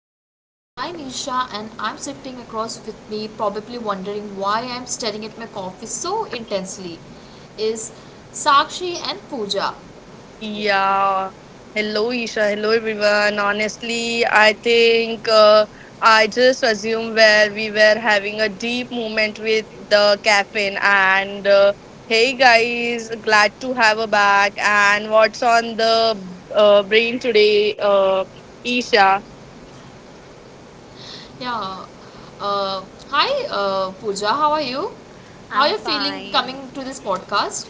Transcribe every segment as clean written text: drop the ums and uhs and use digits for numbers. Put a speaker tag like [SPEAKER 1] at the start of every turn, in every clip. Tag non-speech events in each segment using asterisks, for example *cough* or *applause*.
[SPEAKER 1] podcast. I'm Isha and I'm sitting across with me, probably wondering why I'm staring at my coffee so intensely. Is Sakshi and Pooja.
[SPEAKER 2] Yes.
[SPEAKER 1] Yeah. Uh, hi Pooja, how are you? How are
[SPEAKER 2] I'm
[SPEAKER 1] you feeling coming
[SPEAKER 2] fine.
[SPEAKER 1] to this podcast?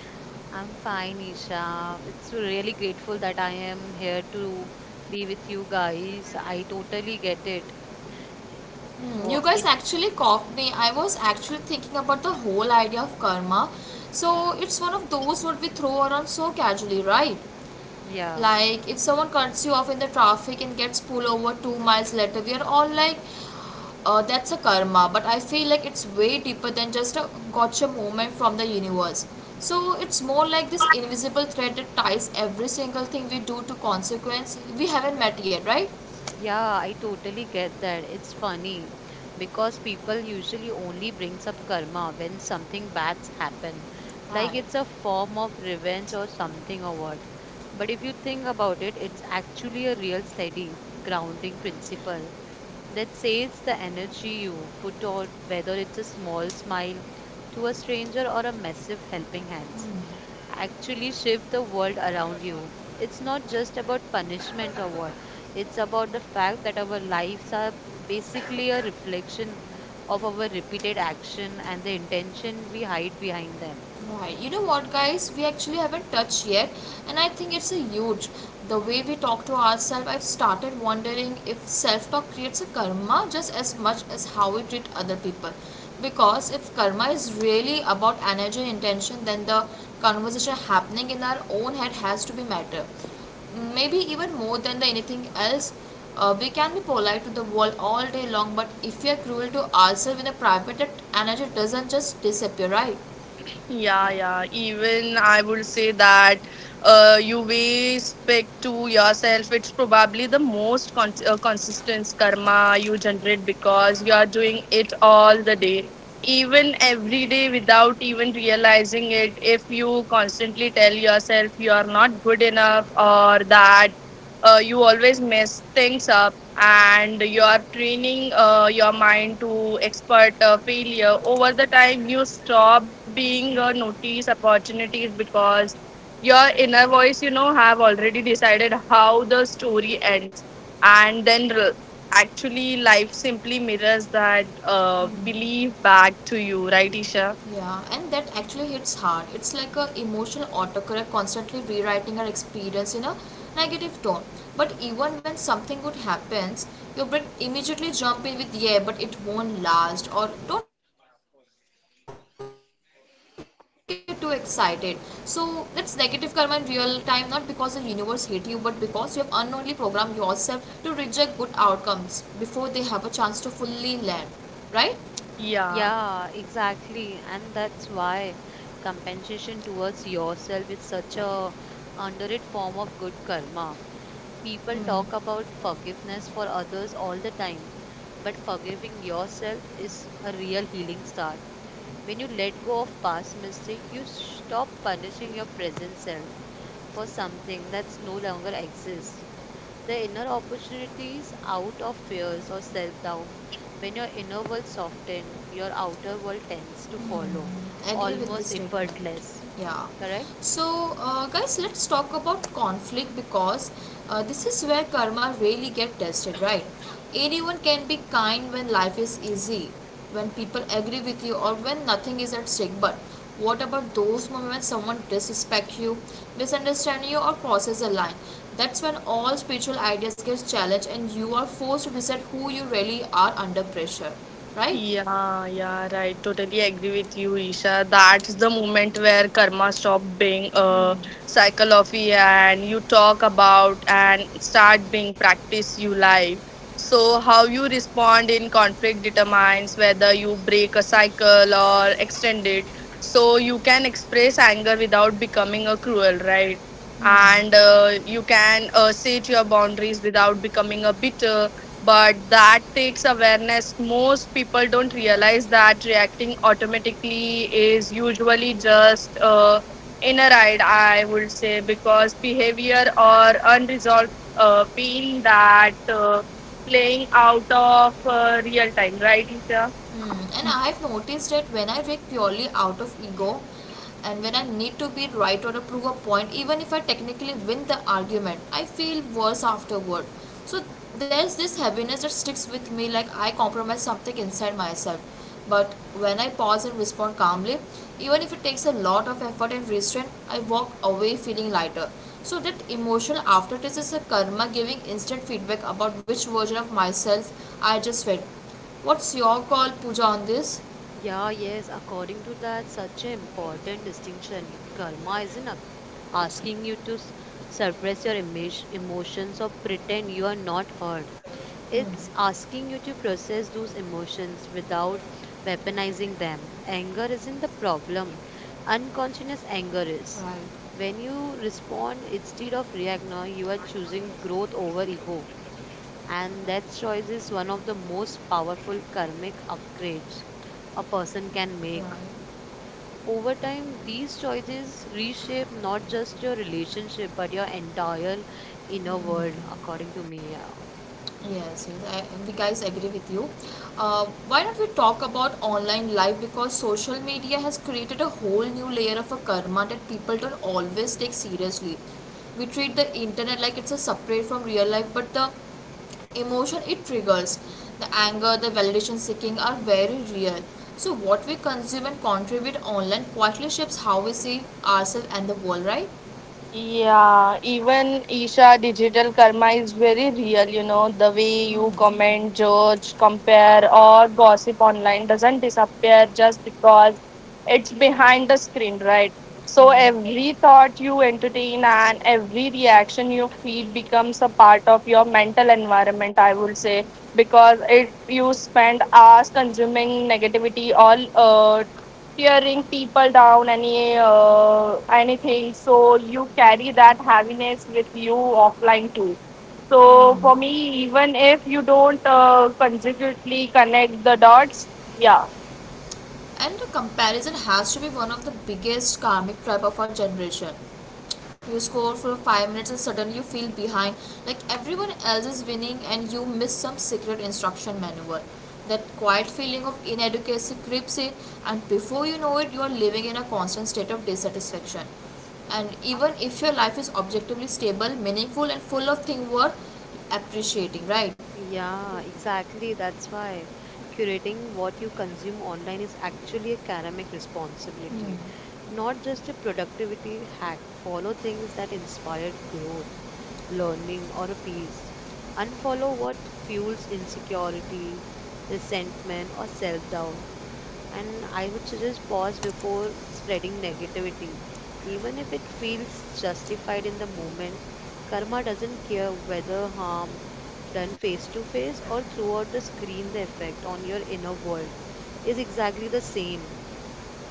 [SPEAKER 2] I'm fine, Isha. It's really grateful that I am here to be with you guys. I totally get it.
[SPEAKER 1] You
[SPEAKER 2] Wo-
[SPEAKER 1] guys
[SPEAKER 2] It,
[SPEAKER 1] actually caught me. I was actually thinking about the whole idea of karma.
[SPEAKER 2] yeah,
[SPEAKER 1] So it's one of those what we throw around so casually, right?
[SPEAKER 2] yeah,
[SPEAKER 1] Like if someone cuts you off in the traffic and gets pulled over 2 miles later, we are all like, that's a karma. But I feel like it's way deeper than just a gotcha moment from the universe. So it's more like this invisible thread that ties every single thing we do to consequence we haven't met yet, right?
[SPEAKER 2] yeah. I totally get that. It's funny because people usually only brings up karma when something bad's happen, like
[SPEAKER 1] Right.
[SPEAKER 2] it's a form of revenge or something or what. But if you think about it, it's actually a real steady grounding principle that says the energy you put out, whether it's a small smile to a stranger or a massive helping hand, actually shift the world around you. It's not just about punishment or what, it's about the fact that our lives are basically a reflection of our repeated action and the intention we hide behind them.
[SPEAKER 1] Right. You know what, guys? We actually haven't touched yet, and I think it's a huge. The way we talk to ourselves, I've started wondering if self talk creates a karma just as much as how we treat other people. Because if karma is really about energy and intention, then the conversation happening in our own head has to be matter. Maybe even more than the anything else, we can be polite to the world all day long, but if we are cruel to ourselves in a private, that energy doesn't just disappear, right?
[SPEAKER 2] Yeah.
[SPEAKER 1] Yeah, and that actually hits hard. It's like a emotional autocorrect constantly rewriting our experience in a negative tone. But even when something good happens, your brain immediately jump in with yeah, but it won't last or don't get too excited. So that's negative karma in real time, not because the universe hate you, but because you have unknowingly programmed yourself to reject good outcomes before they have a chance to fully land. Right?
[SPEAKER 2] Yeah, exactly. And that's why compensation towards yourself is such a underrated form of good karma. People talk
[SPEAKER 1] Hmm.
[SPEAKER 2] about forgiveness for others all the time, but forgiving yourself is a real healing start. When you let go of past mistake, you stop punishing your present self for something that's no longer exists. The inner opportunities out of fears or self doubt. When your inner world softens, your outer world tends to follow,
[SPEAKER 1] Agree with this
[SPEAKER 2] almost
[SPEAKER 1] statement.
[SPEAKER 2] effortless.
[SPEAKER 1] Yeah.
[SPEAKER 2] Correct?
[SPEAKER 1] So, guys, let's talk about conflict because this is where karma really get tested, right? Anyone can be kind when life is easy, when people agree with you, or when nothing is at stake. But what about those moments when someone disrespect you, misunderstand you, or crosses a line? That's when all spiritual ideas get challenged, and you are forced to decide who you really are under pressure, right? And I've noticed that when I react purely out of ego and when I need to be right or to prove a point, even if I technically win the argument, I feel worse afterward. So there's this heaviness that sticks with me like I compromise something inside myself. But when I pause and respond calmly, even if it takes a lot of effort and restraint, I walk away feeling lighter. So that emotional aftertaste is a karma giving instant feedback about which version of myself I just fed. What's your call, Pooja, on this?
[SPEAKER 2] Yeah, yes, according to that, such an important distinction. Karma isn't a- Asking you to suppress your emotions or pretend you are not hurt. It's
[SPEAKER 1] Hmm.
[SPEAKER 2] asking you to process those emotions without weaponizing them. Anger isn't the problem, unconscious anger is.
[SPEAKER 1] Right,
[SPEAKER 2] When you respond instead of react now, you are choosing growth over ego. And that choice is one of the most powerful karmic upgrades a person can make.
[SPEAKER 1] right.
[SPEAKER 2] Over time, these choices reshape not just your relationship but your entire inner world, according to me. Yeah,
[SPEAKER 1] Yes, yes, we guys agree with you. Why don't we talk about online life because social media has created a whole new layer of a karma that people don't always take seriously. We treat the internet like it's a separate from real life, but the emotion it triggers, the anger, the validation seeking are very real. So, what we consume and contribute online quietly shapes how we see ourselves and the world, right? Hmm. Right. And the comparison has to be one of the biggest karmic trap of our generation. You score for 5 minutes and suddenly you feel behind, like everyone else is winning and you miss some secret instruction manual. That quiet feeling of inadequacy creeps in, and before you know it, you are living in a constant state of dissatisfaction. And even if your life is objectively stable, meaningful, and full of things worth appreciating, right?
[SPEAKER 2] Yeah, exactly. That's why curating what you consume online is actually a karmic responsibility, not just a productivity hack. Follow things that inspired growth, learning, or a peace. Unfollow what fuels insecurity, resentment, or self doubt. And I would suggest pause before spreading negativity. Even if it feels justified in the moment, karma doesn't care whether harm done face to face or throughout the screen, the effect on your inner world is exactly the same.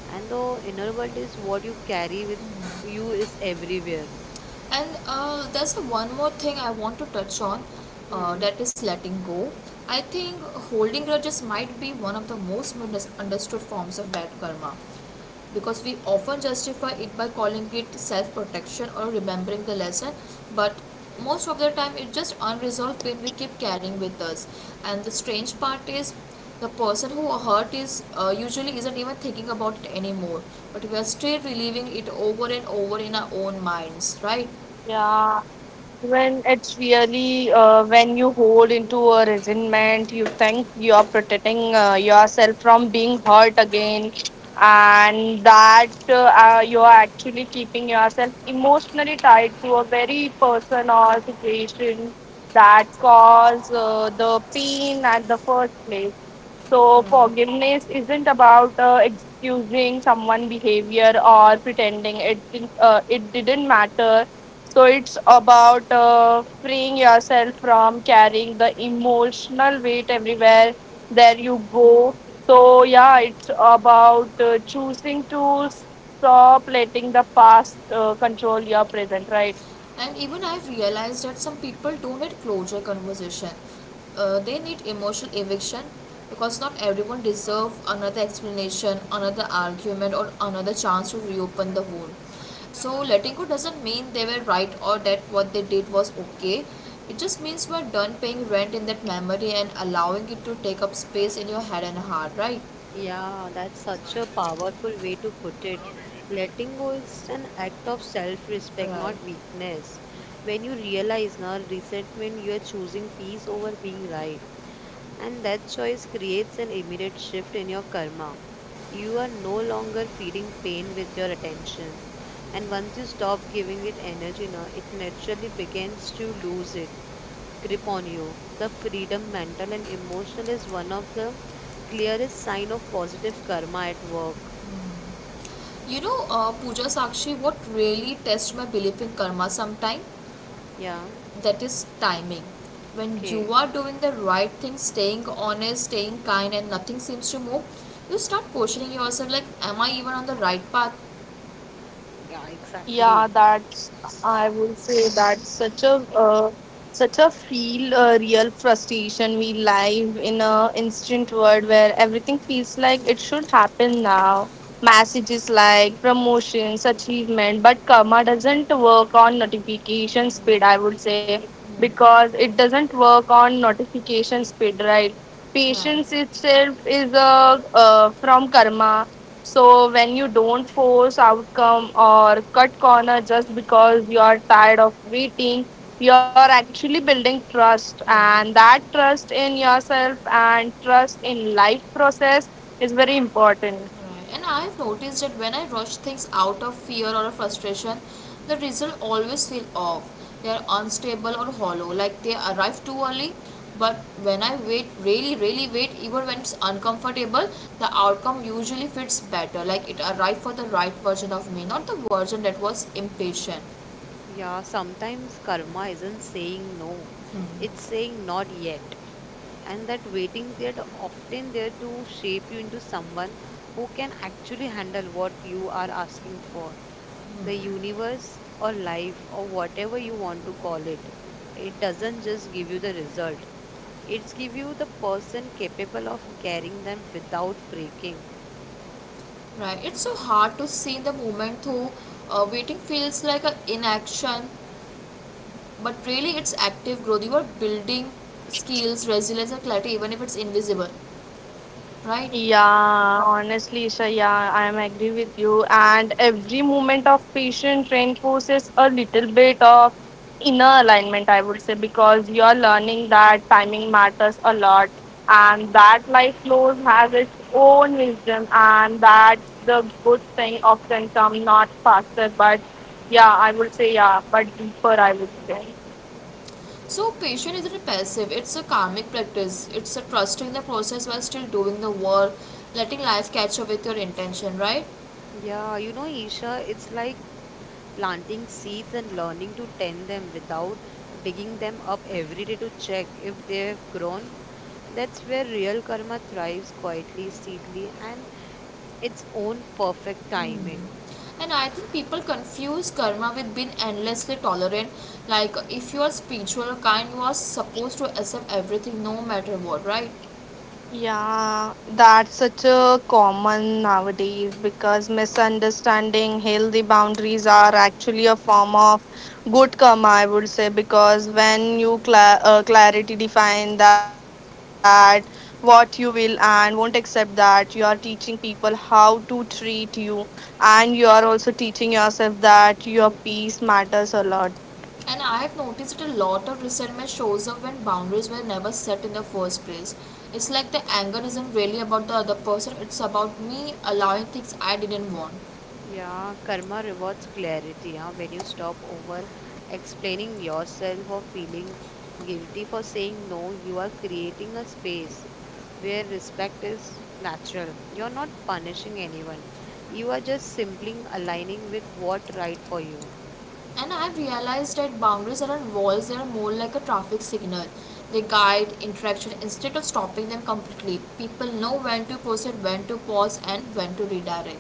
[SPEAKER 2] And the inner world is what you carry with you is everywhere.
[SPEAKER 1] And there's a one more thing I want to touch on
[SPEAKER 2] Hmm.
[SPEAKER 1] that is letting go. I think holding grudges might be one of the most misunderstood forms of bad karma because we often justify it by calling it self protection or remembering the lesson, but most of the time it's just unresolved pain we keep carrying with us. And the strange part is the person who hurt is usually isn't even thinking about it anymore, but we are still reliving it over and over in our own minds, right? Right. And even I've realized that some people don't need closure conversation. They need emotional eviction because not everyone deserves another explanation, another argument, or another chance to reopen the wound. So letting go doesn't mean they were right or that what they did was okay. It just means we're done paying rent in that memory and allowing it to take up space in your head and heart, right?
[SPEAKER 2] Yeah, that's such a powerful way to put it. Letting go is an act of self respect,
[SPEAKER 1] Right.
[SPEAKER 2] not weakness. When you realize now resentment, you are choosing peace over being right. And that choice creates an immediate shift in your karma. You are no longer feeding pain with your attention. And once you stop giving it energy now, it naturally begins to lose it grip on you. The freedom, mental and emotional, is one of the clearest sign of positive karma at work.
[SPEAKER 1] You know, Pooja Sakshi, what really tests my belief in karma sometime?
[SPEAKER 2] Yeah.
[SPEAKER 1] That is timing. When you
[SPEAKER 2] Okay.
[SPEAKER 1] are doing the right thing, staying honest, staying kind, and nothing seems to move, you start questioning yourself like, am I even on the right path,
[SPEAKER 2] Yeah, exactly.
[SPEAKER 1] right? Right. Right. And I've noticed that when I rush things out of fear or a frustration, the result always feel off. They are unstable or hollow, like they arrive too early. But when I wait, really, really wait, even when it's uncomfortable, the outcome usually fits better. Like it arrived for the right version of me, not the version that was impatient.
[SPEAKER 2] Yeah, sometimes karma isn't saying no, it's saying not yet. And that waiting period often there to shape you into someone who can actually handle what you are asking for. The universe or life or whatever you want to call it, it doesn't just give you the result. It's give you the person capable of carrying them without breaking.
[SPEAKER 1] Right? It's so hard to see in the moment though. Waiting feels like an inaction, but really it's active growth. You are building skills, resilience, and clarity, even if it's invisible, right? So patience isn't passive, it's a karmic practice, it's a trusting the process while still doing the work, letting life catch up with your intention, right?
[SPEAKER 2] Yeah, you know, Isha, it's like planting seeds and learning to tend them without digging them up every day to check if they have grown. That's where real karma thrives quietly, steadily, and its own perfect
[SPEAKER 1] Mm.
[SPEAKER 2] timing.
[SPEAKER 1] And I think people confuse karma with being endlessly tolerant. Like if you are spiritual or kind, you are supposed to accept everything no matter what, right? And I have noticed that a lot of resentment shows up when boundaries were never set in the first place. It's like the anger isn't really about the other person, it's about me allowing things I didn't want.
[SPEAKER 2] Yeah, karma rewards clarity. Huh? When you stop over explaining yourself or feeling guilty for saying no, you are creating a space where respect is natural. You're not punishing anyone. You are just simply aligning with what right for you.
[SPEAKER 1] And I've realized that boundaries aren't walls, they are more like a traffic signal. They guide interaction instead of stopping them completely. People know when to proceed, when to pause, and when to redirect.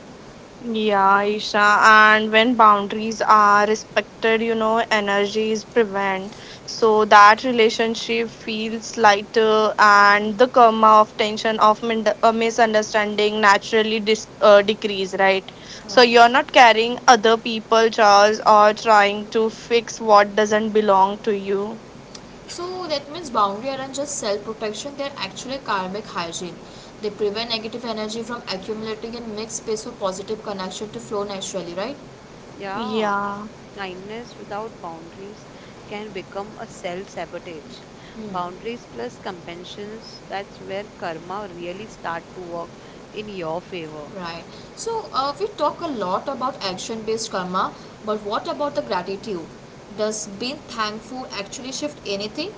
[SPEAKER 1] Right. So that means boundary aren't just self protection, they're actually karmic hygiene. They prevent negative energy from accumulating and make space for positive connection to flow naturally, right?
[SPEAKER 2] Yeah, kindness without boundaries can become a self sabotage. Boundaries plus compassions, that's where karma really start to work in your favor.
[SPEAKER 1] Right. So we talk a lot about action based karma, but what about the gratitude? Does being thankful actually shift anything?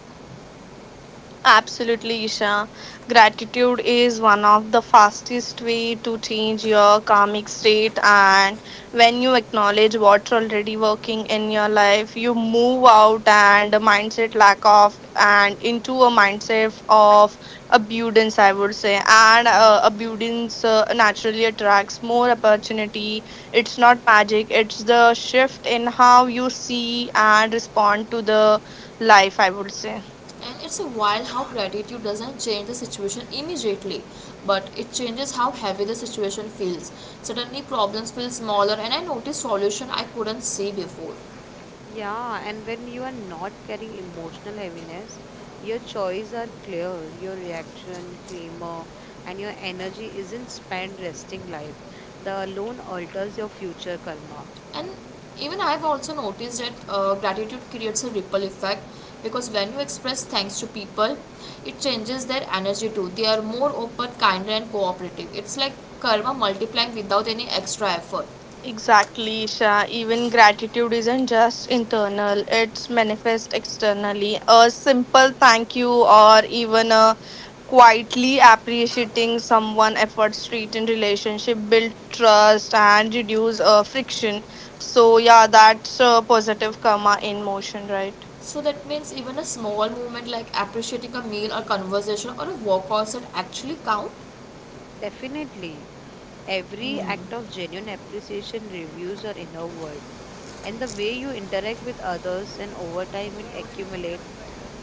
[SPEAKER 1] And it's a while how gratitude doesn't change the situation immediately, but it changes how heavy the situation feels. Suddenly, problems feel smaller, and I notice solution I couldn't see before.
[SPEAKER 2] Yeah, and when you are not carrying emotional heaviness, your choices are clear, your reaction, clamor, and your energy isn't spent resting life. The alone alters your future karma.
[SPEAKER 1] And even I've also noticed that gratitude creates a ripple effect, because when you express thanks to people, it changes their energy too. They are more open, kinder, and cooperative. It's like karma multiplying without any extra effort. So that means even a small movement like appreciating a meal or conversation or a walk also actually count.
[SPEAKER 2] Definitely. Every act of genuine appreciation reviews your inner world and the way you interact with others, and over time it accumulates,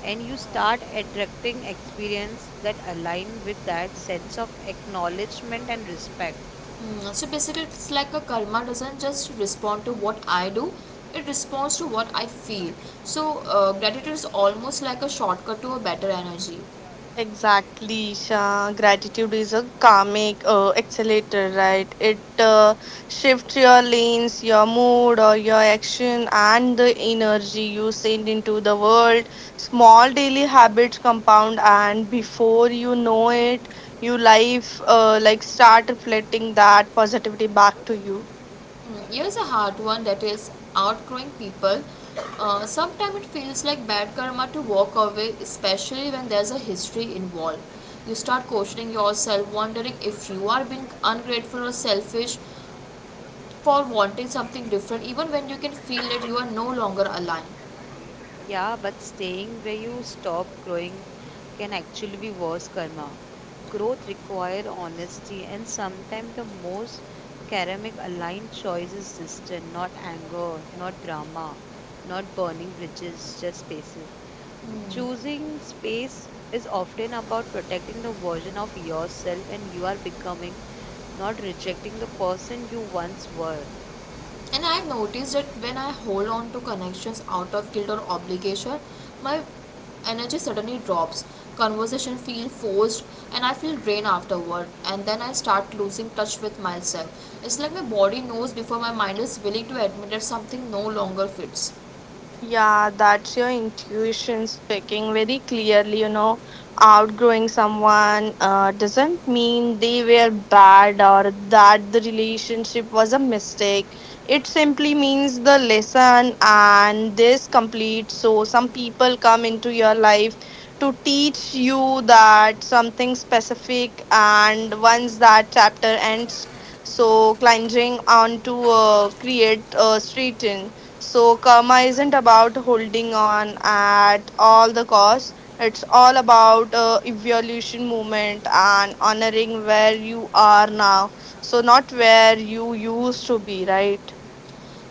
[SPEAKER 2] and you start attracting experience that align with that sense of acknowledgement and respect.
[SPEAKER 1] So basically it's like a karma doesn't just respond to what I do, it responds to what I feel. So gratitude is almost like a shortcut to a better energy. Here's a hard one that is outgrowing people. Sometimes it feels like bad karma to walk away, especially when there's a history involved. You start questioning yourself, wondering if you are being ungrateful or selfish for wanting something different, even when you can feel that you are no longer aligned.
[SPEAKER 2] Yeah, but staying where you stop growing can actually be worse karma. Growth requires honesty, and sometimes the most karmic aligned choice is distance, not anger, not drama, not burning bridges, just spaces. Choosing space is often about protecting the version of yourself and you are becoming, not rejecting the person you once were.
[SPEAKER 1] And I've noticed that when I hold on to connections out of guilt or obligation, my energy suddenly drops. Conversation feel forced and I feel drained afterward and then I start losing touch with myself. It's like my body knows before my mind is willing to admit that something no longer fits.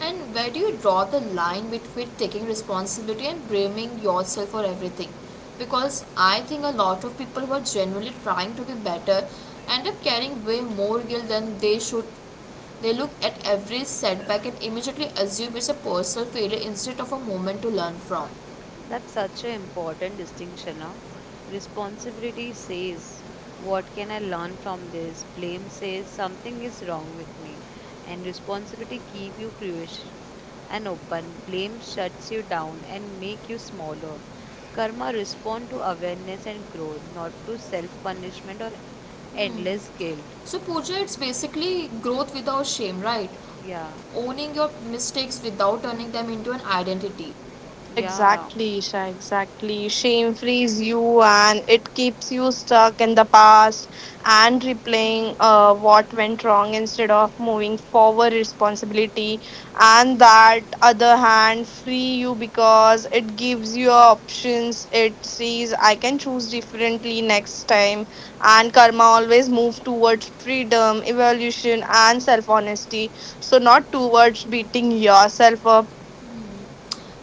[SPEAKER 1] And where do you draw the line between taking responsibility and blaming yourself for everything? Because I think a lot of people who are genuinely trying to be better end up carrying way more guilt than they should. They look at every setback and immediately assume it's a personal failure instead of a moment to learn from.
[SPEAKER 2] That's such an important distinction. Now, responsibility says, "What can I learn from this?" Blame says, "Something is wrong with me." And responsibility keep you curious and open. Blame shuts you down and make you smaller. Karma respond to awareness and growth, not to self punishment or
[SPEAKER 1] Hmm.
[SPEAKER 2] endless guilt.
[SPEAKER 1] So Pooja, it's basically growth without shame, right?
[SPEAKER 2] Yeah,
[SPEAKER 1] Owning your mistakes without turning them into an identity.
[SPEAKER 2] yeah.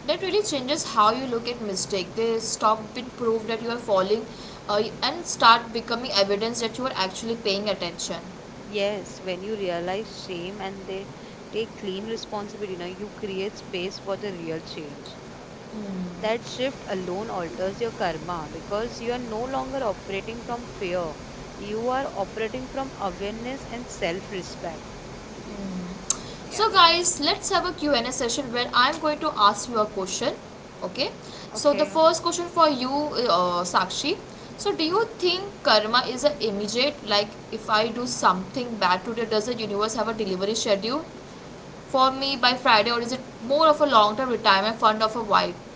[SPEAKER 1] That really changes how you look at mistake. They stop being proof that you are falling and start becoming evidence that you are actually paying attention.
[SPEAKER 2] Yes, when you realize shame and they take clean responsibility, you know you create space for the real change. That shift alone alters your karma because you are no longer operating from fear. You are operating from awareness and self respect.
[SPEAKER 1] So
[SPEAKER 2] Yeah.
[SPEAKER 1] guys, let's have a Q&A session where I'm going to ask you a question. Okay. So the
[SPEAKER 2] Okay.
[SPEAKER 1] first question for you, Sakshi. So do you think karma is an immediate, like if I do something bad today, does the universe have a delivery schedule for me by Friday, or is it more of a long term retirement fund of a vibe?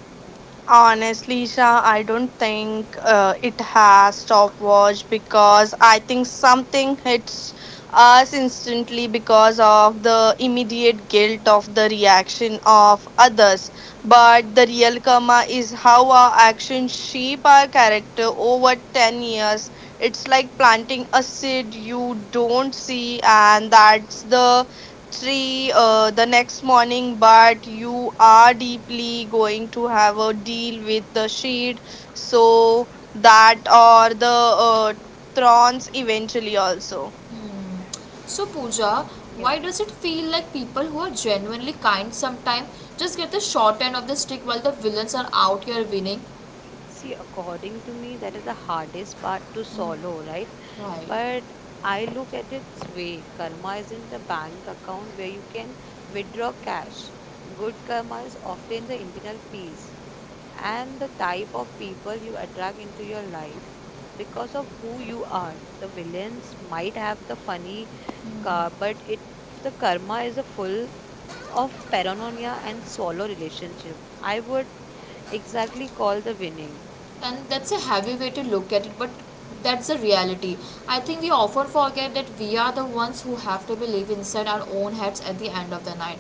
[SPEAKER 1] So Pooja,
[SPEAKER 2] Yeah.
[SPEAKER 1] why does it feel like people who are genuinely kind sometimes just get the short end of the stick while the villains are out here winning?
[SPEAKER 2] See, according to me, that is the hardest part to swallow, right?
[SPEAKER 1] Right.
[SPEAKER 2] But I look at it this way, karma isn't a bank account where you can withdraw cash. Good karma is often the internal peace and the type of people you attract into your life because of who you are. The villains might have the funny car, but it the karma is a full of paranoia and solo relationship. I would exactly call the winning.
[SPEAKER 1] And that's a heavy way to look at it, but that's the reality. I think we often forget that we are the ones who have to believe inside our own heads at the end of the night.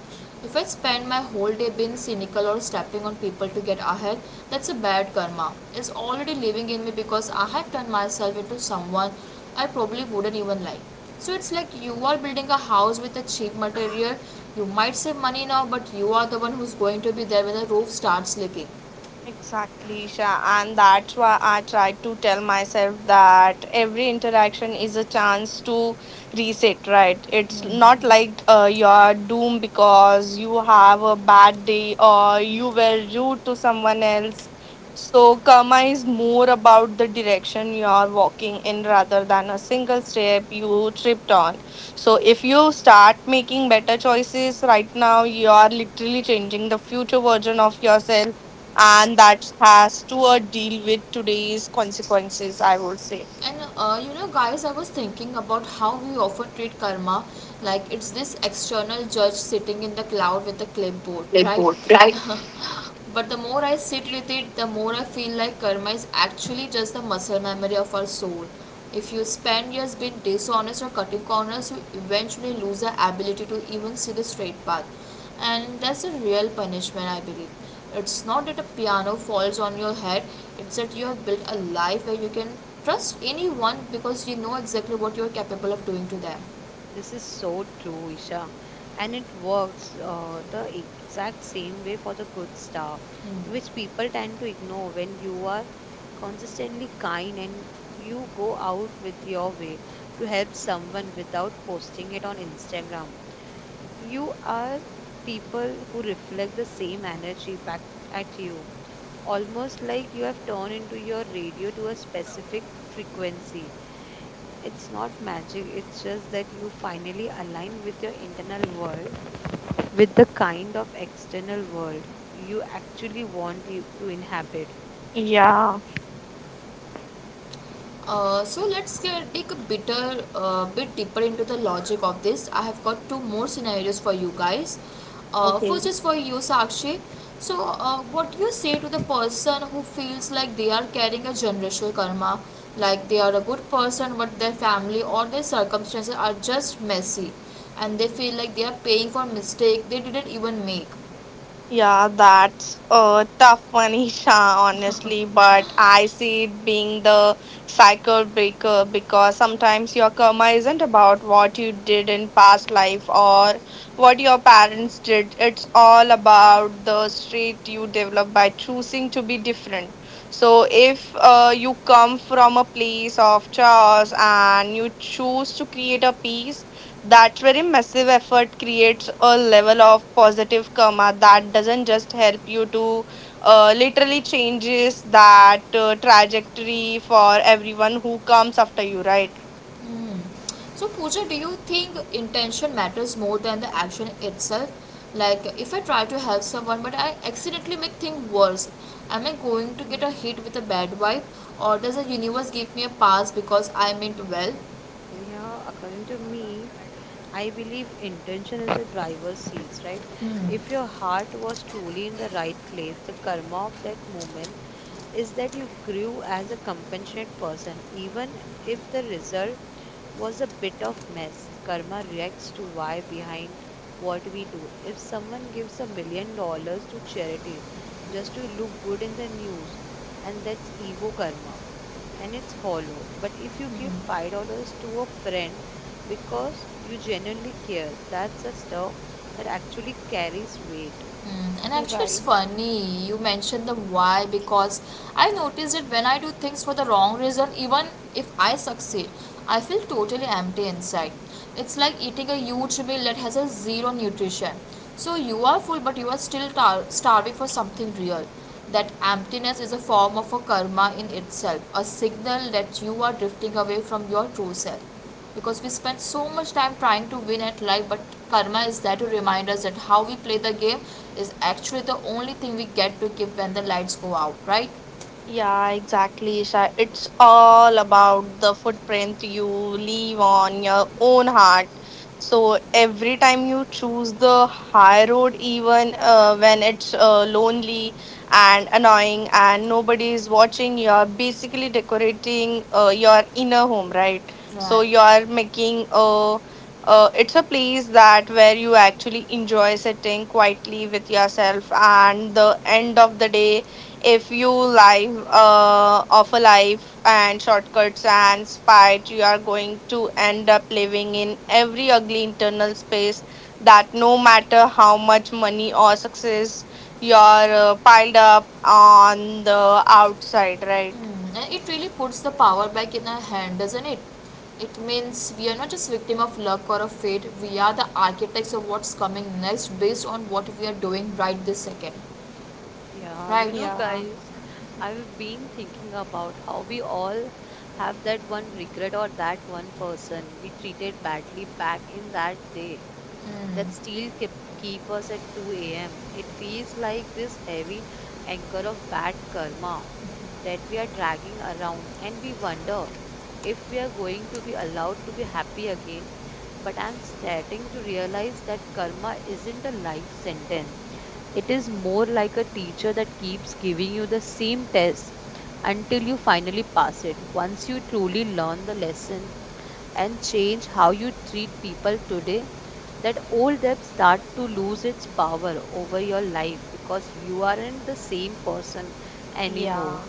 [SPEAKER 1] If I spend my whole day being cynical or stepping on people to get ahead, that's a bad karma. It's already living in me because I have turned myself into someone I probably wouldn't even like. So it's like you are building a house with a cheap material. You might save money now, but you are the one who's going to be there when the roof starts leaking. And you know, guys, I was thinking about how we often treat karma like it's this external judge sitting in the cloud with a clipboard, right? *laughs* But the more I sit with it, the more I feel like karma is actually just the muscle memory of our soul. If you spend years being dishonest or cutting corners, you eventually lose the ability to even see the straight path, and that's a real punishment, I believe. It's not that a piano falls on your head, it's that you have built a life where you can trust anyone because you know exactly what you're capable of doing to them.
[SPEAKER 2] This is so true, Isha. And it works the exact same way for the good stuff, which
[SPEAKER 1] Hmm.
[SPEAKER 2] people tend to ignore when you are consistently kind and you go out with your way to help someone without posting it on Instagram. You are people who reflect the same energy back at you, almost like you have turned into your radio to a specific frequency. It's not magic, it's just that you finally align with your internal world with the kind of external world you actually want you to inhabit.
[SPEAKER 1] So let's get, dig a bitter, bit deeper into the logic of this. I have got two more scenarios for you guys. First is for you, Sakshi. So, what do you say to the person who feels like they are carrying a generational karma, like they are a good person, but their family or their circumstances are just messy, and they feel like they are paying for mistake they didn't even make. Hmm. So, Pooja, do you think intention matters more than the action itself? Like, if I try to help someone but I accidentally make things worse, am I going to get a hit with a bad vibe, or does the universe give me a pass because I meant well?
[SPEAKER 2] Yeah, according to me, I believe intention is the driver's seats, right? If your heart was truly in the right place, the karma of that moment is that you grew as a compassionate person, even if the result was a bit of mess. Karma reacts to why behind what we do. If someone gives $1 million to charity just to look good in the news, and that's ego karma and it's hollow. But if you give $5 to a friend because you genuinely care, that's a stuff that actually carries weight.
[SPEAKER 1] Mm, and actually, it's funny you mentioned the why, because I noticed that when I do things for the wrong reason, even if I succeed, I feel totally empty inside. It's like eating a huge meal that has a zero nutrition. So you are full, but you are still starving for something real. That emptiness is a form of a karma in itself, a signal that you are drifting away from your true self, because we spend so much time trying to win at life, but karma is there to remind us that how we play the game is actually the only thing we get to keep when the lights go out, right? Right. Hmm, and it really puts the power back in our hand, doesn't it? It means we are not just victim of luck or of fate. We are the architects of what's coming next based on what we are doing right this second.
[SPEAKER 2] Yeah,
[SPEAKER 1] Right.
[SPEAKER 2] you know, guys, I've been thinking about how we all have that one regret or that one person we treated badly back in that day, that
[SPEAKER 1] Hmm.
[SPEAKER 2] still keep us at 2 a.m. It feels like this heavy anchor of bad karma that we are dragging around, and we wonder if we are going to be allowed to be happy again. But I'm starting to realize that karma isn't a life sentence. It is more like a teacher that keeps giving you the same test until you finally pass it. Once you truly learn the lesson, and change how you treat people today, that old debt start to lose its power over your life because you aren't the same person anymore.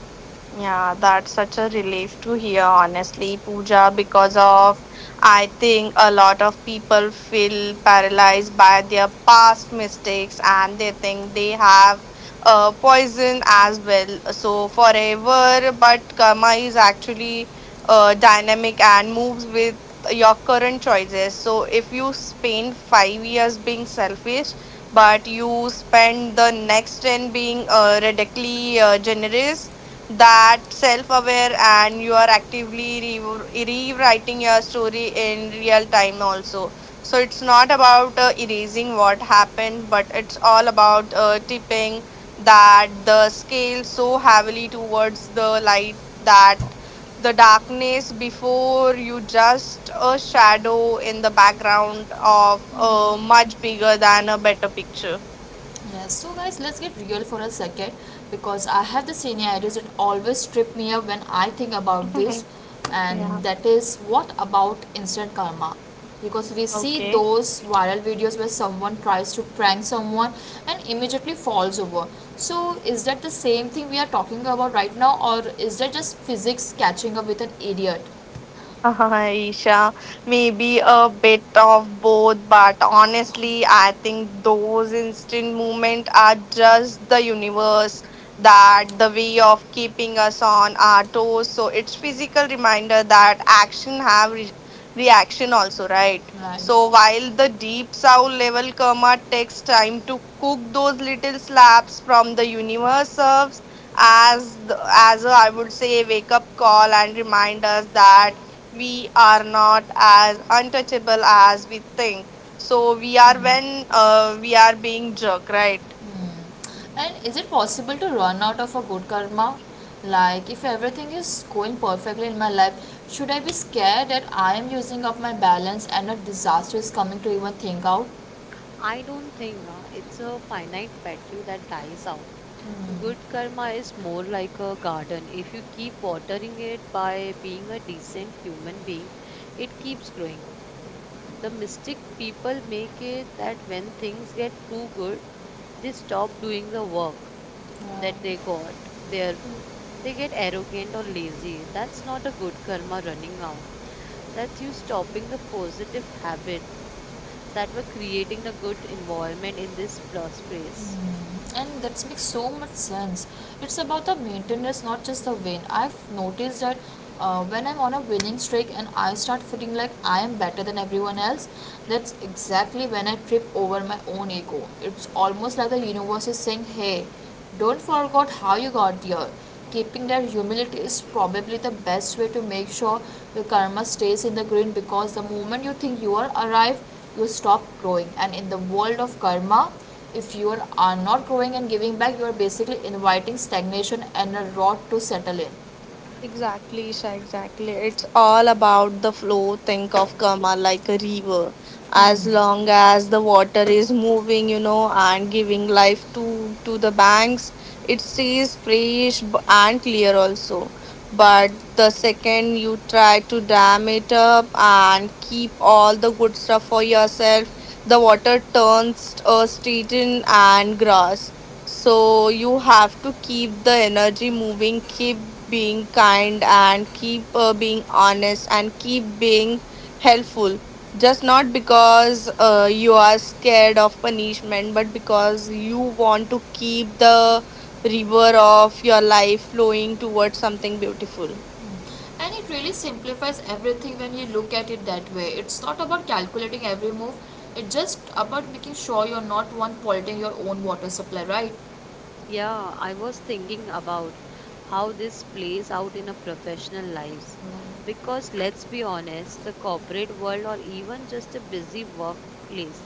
[SPEAKER 1] Yes, so guys, let's get real for a second, because I have the senior that always trip me up when I think about this,
[SPEAKER 2] Okay.
[SPEAKER 1] and that is, what about instant karma? Because we see those viral videos where someone tries to prank someone and immediately falls over. So, is that the same thing we are talking about right now, or is that just physics catching up with an idiot? Right. And is it possible to run out of a good karma? Like, if everything is going perfectly in my life, should I be scared that I am using up my balance and a disaster is coming to even think out?
[SPEAKER 2] I don't think it's a finite battery that dies out. Good karma is more like a garden. If you keep watering it by being a decent human being, it keeps growing. The mistake people make it that when things get too good, they stop doing the work. That they got their They get arrogant or lazy. That's not a good karma running out, that's you stopping the positive habit that were creating the good environment in this first place.
[SPEAKER 1] And that makes so much sense. It's about the maintenance, not just the win. I've noticed that, when I'm on a winning streak and I start feeling like I am better than everyone else, that's exactly when I trip over my own ego. It's almost like the universe is saying, hey, don't forget how you got here. Keeping that humility is probably the best way to make sure your karma stays in the green, because the moment you think you are arrived, you stop growing. And in the world of karma, if you are not growing and giving back, you are basically inviting stagnation and a rot to settle in. And it really simplifies everything when you look at it that way. It's not about calculating every move, it's just about making sure you're not one polluting your own water supply, right?
[SPEAKER 2] Yeah, I was thinking about how this plays out in our professional lives,
[SPEAKER 1] Right.
[SPEAKER 2] because let's be honest, the corporate world or even just a busy workplace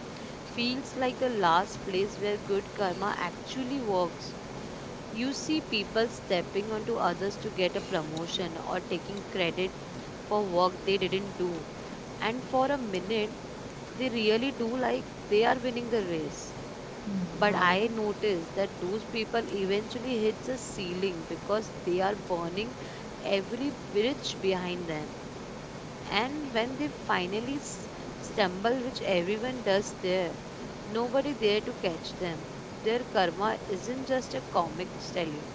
[SPEAKER 2] feels like the last place where good karma actually works. You see people stepping onto others to get a promotion or taking credit for work they didn't do. And for a minute, they really do like they are winning the race. But
[SPEAKER 1] Mm,
[SPEAKER 2] I
[SPEAKER 1] right.
[SPEAKER 2] noticed that those people eventually hits a ceiling because they are burning every bridge behind them. And when they finally stumble, which everyone does there, nobody there to catch them. Their karma isn't just a comic story,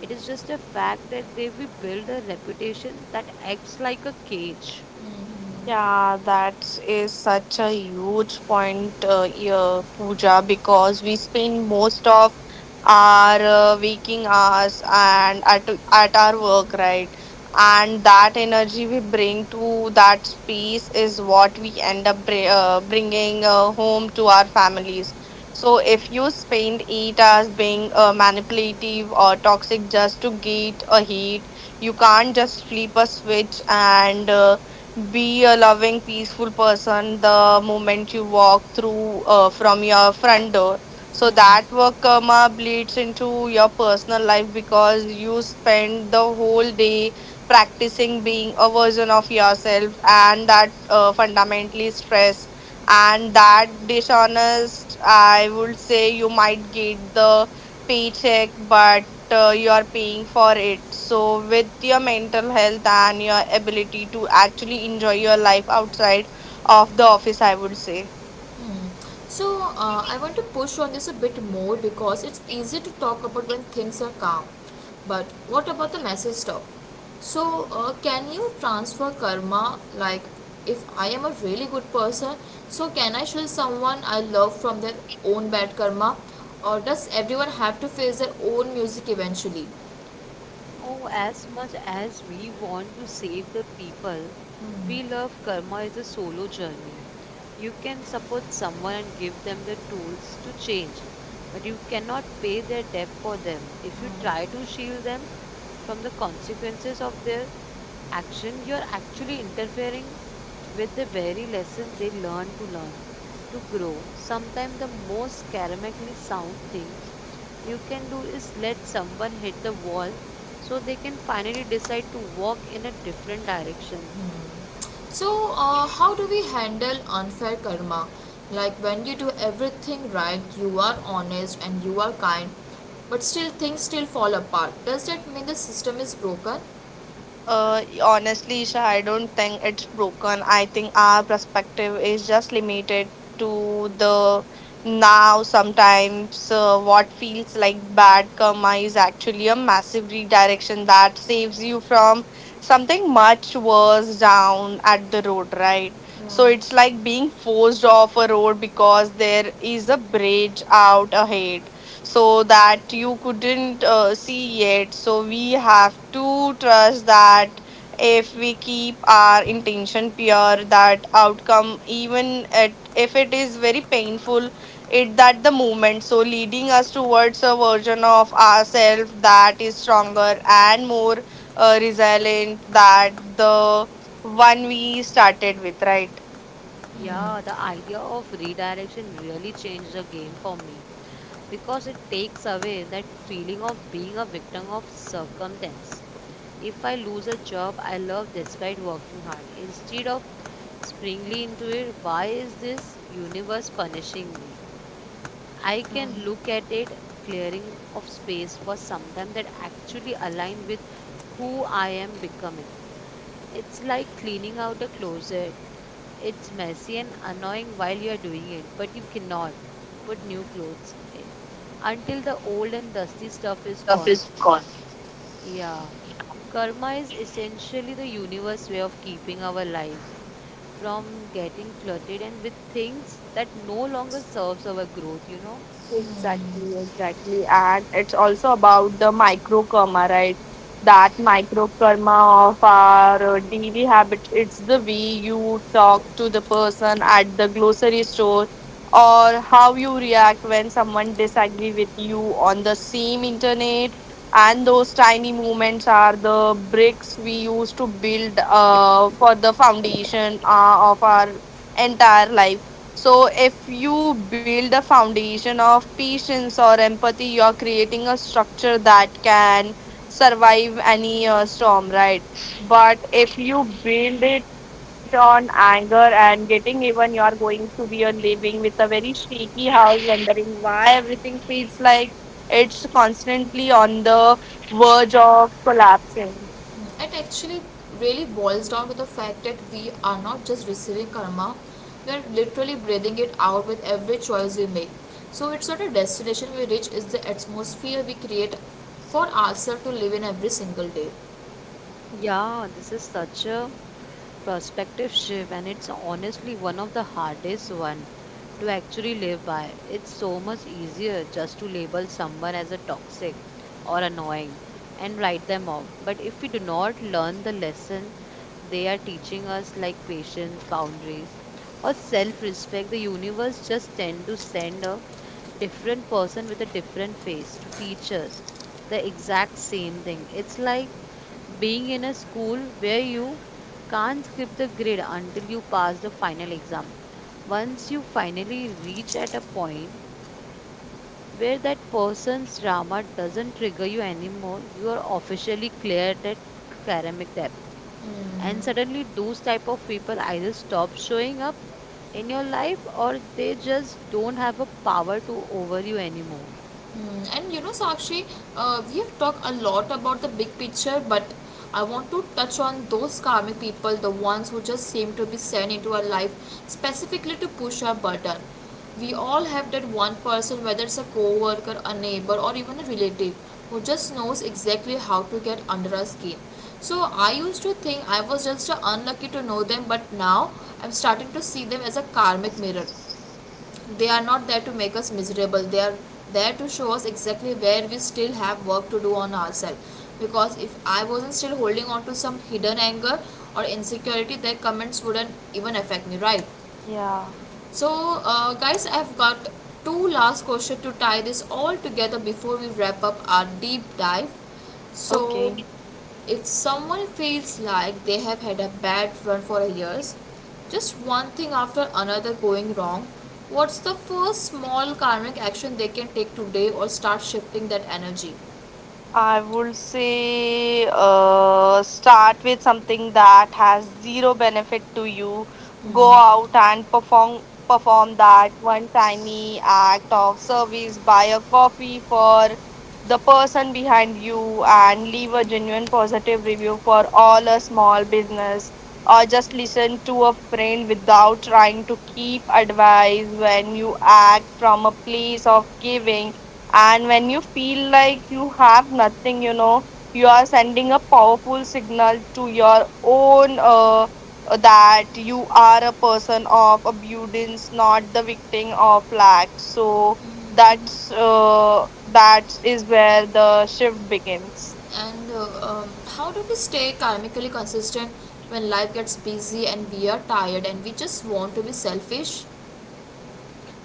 [SPEAKER 2] it is just a fact that they we build a reputation that acts like a cage.
[SPEAKER 1] Mhm. So, I want to push on this a bit more, because it's easy to talk about when things are calm. But what about the message stuff? So, can you transfer karma? Like, if I am a really good person, so can I shield someone I love from their own bad karma? Or does everyone have to face their own music eventually?
[SPEAKER 2] Oh, as much as we want to save the people, we
[SPEAKER 1] Hmm.
[SPEAKER 2] love karma is a solo journey. You can support someone and give them the tools to change, but you cannot pay their debt for them. If you try to shield them from the consequences of their action, you are actually interfering with the very lesson they learn to learn, to grow. Sometimes the most karmically sound things you can do is let someone hit the wall so they can finally decide to walk in a different direction.
[SPEAKER 1] So, how do we handle unfair karma? Like when you do everything right, you are honest and you are kind, but still things still fall apart. Does that mean the system is broken? Right.
[SPEAKER 2] Yeah, the idea of redirection really changed the game for me because it takes away that feeling of being a victim of circumstance. If I lose a job I love despite working hard, instead of springly into it, why is this universe punishing me? I can look at it clearing of space for something that actually align with who I am becoming. It's like cleaning out a closet. It's messy and annoying while you are doing it, but you cannot put new clothes in until the old and dusty stuff is gone. Yeah. Karma is essentially the universe way of keeping our lives from getting cluttered and with things that no longer serves our growth, you know?
[SPEAKER 1] It actually really boils down to the fact that we are not just receiving karma, we are literally breathing it out with every choice we make. So, it's not a destination we reach, it's the atmosphere we create for ourselves to live in every single day.
[SPEAKER 2] Yeah, this is such a perspective shift, and it's honestly one of the hardest one to actually live by. It's so much easier just to label someone as a toxic or annoying and write them off, but if we do not learn the lesson they are teaching us, like patience, boundaries, or self respect, the universe just tend to send a different person with a different face to teach us the exact same thing. It's like being in a school where you can't skip the grid until you pass the final exam. Once you finally reach at a point where that person's drama doesn't trigger you anymore, you are officially cleared that academic depth. And suddenly those type of people either stop showing up in your life or they just don't have a power to over you anymore.
[SPEAKER 1] Mm, and you know, Sakshi, we have talked a lot about the big picture, but I want to touch on those karmic people, the ones who just seem to be sent into our life specifically to push our button. We all have that one person, whether it's a co worker, a neighbor, or even a relative, who just knows exactly how to get under our skin. So I used to think I was just unlucky to know them, but now I'm starting to see them as a karmic mirror. They are not there to make us miserable. They are there to show us exactly where we still have work to do on ourselves. Because if I wasn't still holding on to some hidden anger or insecurity, their comments wouldn't even affect me, right? So, guys, I've got two last questions to tie this all together before we wrap up our deep dive. So, if someone feels like they have had a bad run for years, just one thing after another going wrong, what's the first small karmic action they can take today or start shifting that energy? And how do we stay karmically consistent when life gets busy and we are tired and we just want to be selfish?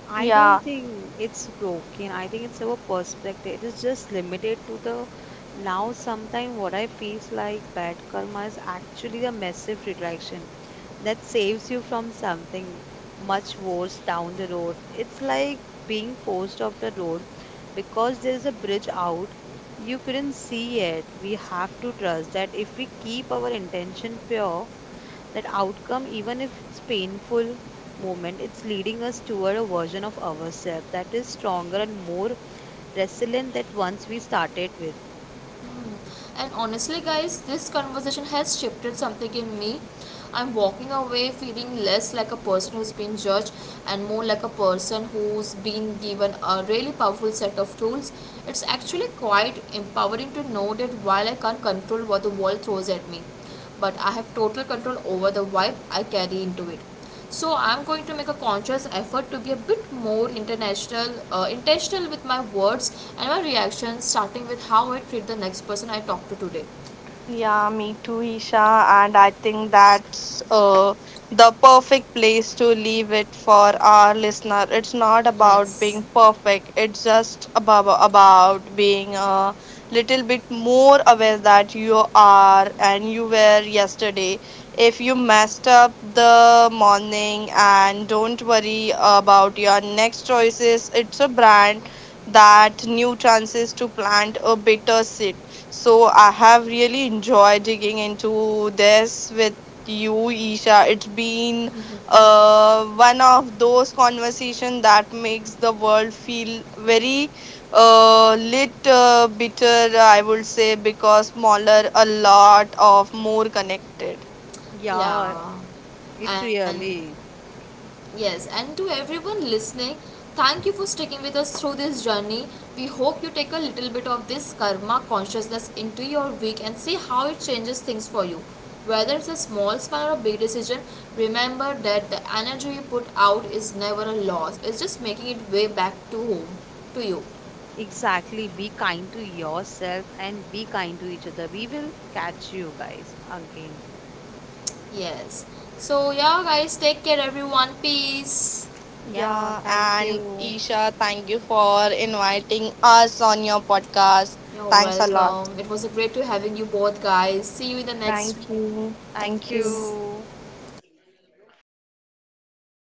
[SPEAKER 2] I don't think it's broken. I think it's our perspective. It is just limited to the now. Sometimes what I feels like bad karma is actually a massive redirection that saves you from something much worse down the road. It's like being forced off the road because there's a bridge out. You couldn't see it. We have to trust that if we keep our intention pure, that outcome, even if it's painful moment, it's leading us toward a version of ourselves that is stronger and more resilient that once we started with.
[SPEAKER 1] Hmm. And honestly, guys, this conversation has shifted something in me. I'm walking away feeling less like a person who's been judged and more like a person who's been given a really powerful set of tools. It's actually quite empowering to know that while I can't control what the world throws at me, but I have total control over the vibe I carry into it. So I'm going to make a conscious effort to be a bit more international, intentional with my words and my reactions, starting with how I treat the next person I talk to today. Yes.
[SPEAKER 2] Yeah,
[SPEAKER 1] Yeah.
[SPEAKER 2] it
[SPEAKER 1] And
[SPEAKER 2] really.
[SPEAKER 1] yes, and to everyone listening, thank you for sticking with us through this journey. We hope you take a little bit of this karma consciousness into your week and see how it changes things for you. Whether it's a small span or a big decision, remember that the energy you put out is never a loss. It's just making it way back to home, to you.
[SPEAKER 2] Exactly, be kind to yourself and be kind to each other. We will catch you guys again.
[SPEAKER 1] Yes. So yeah, guys, take care, everyone. Peace.
[SPEAKER 2] Yeah, thank you.
[SPEAKER 1] You're welcome. It was a great to having you both, guys. See you in the next.
[SPEAKER 2] Thank
[SPEAKER 1] Yes.
[SPEAKER 2] you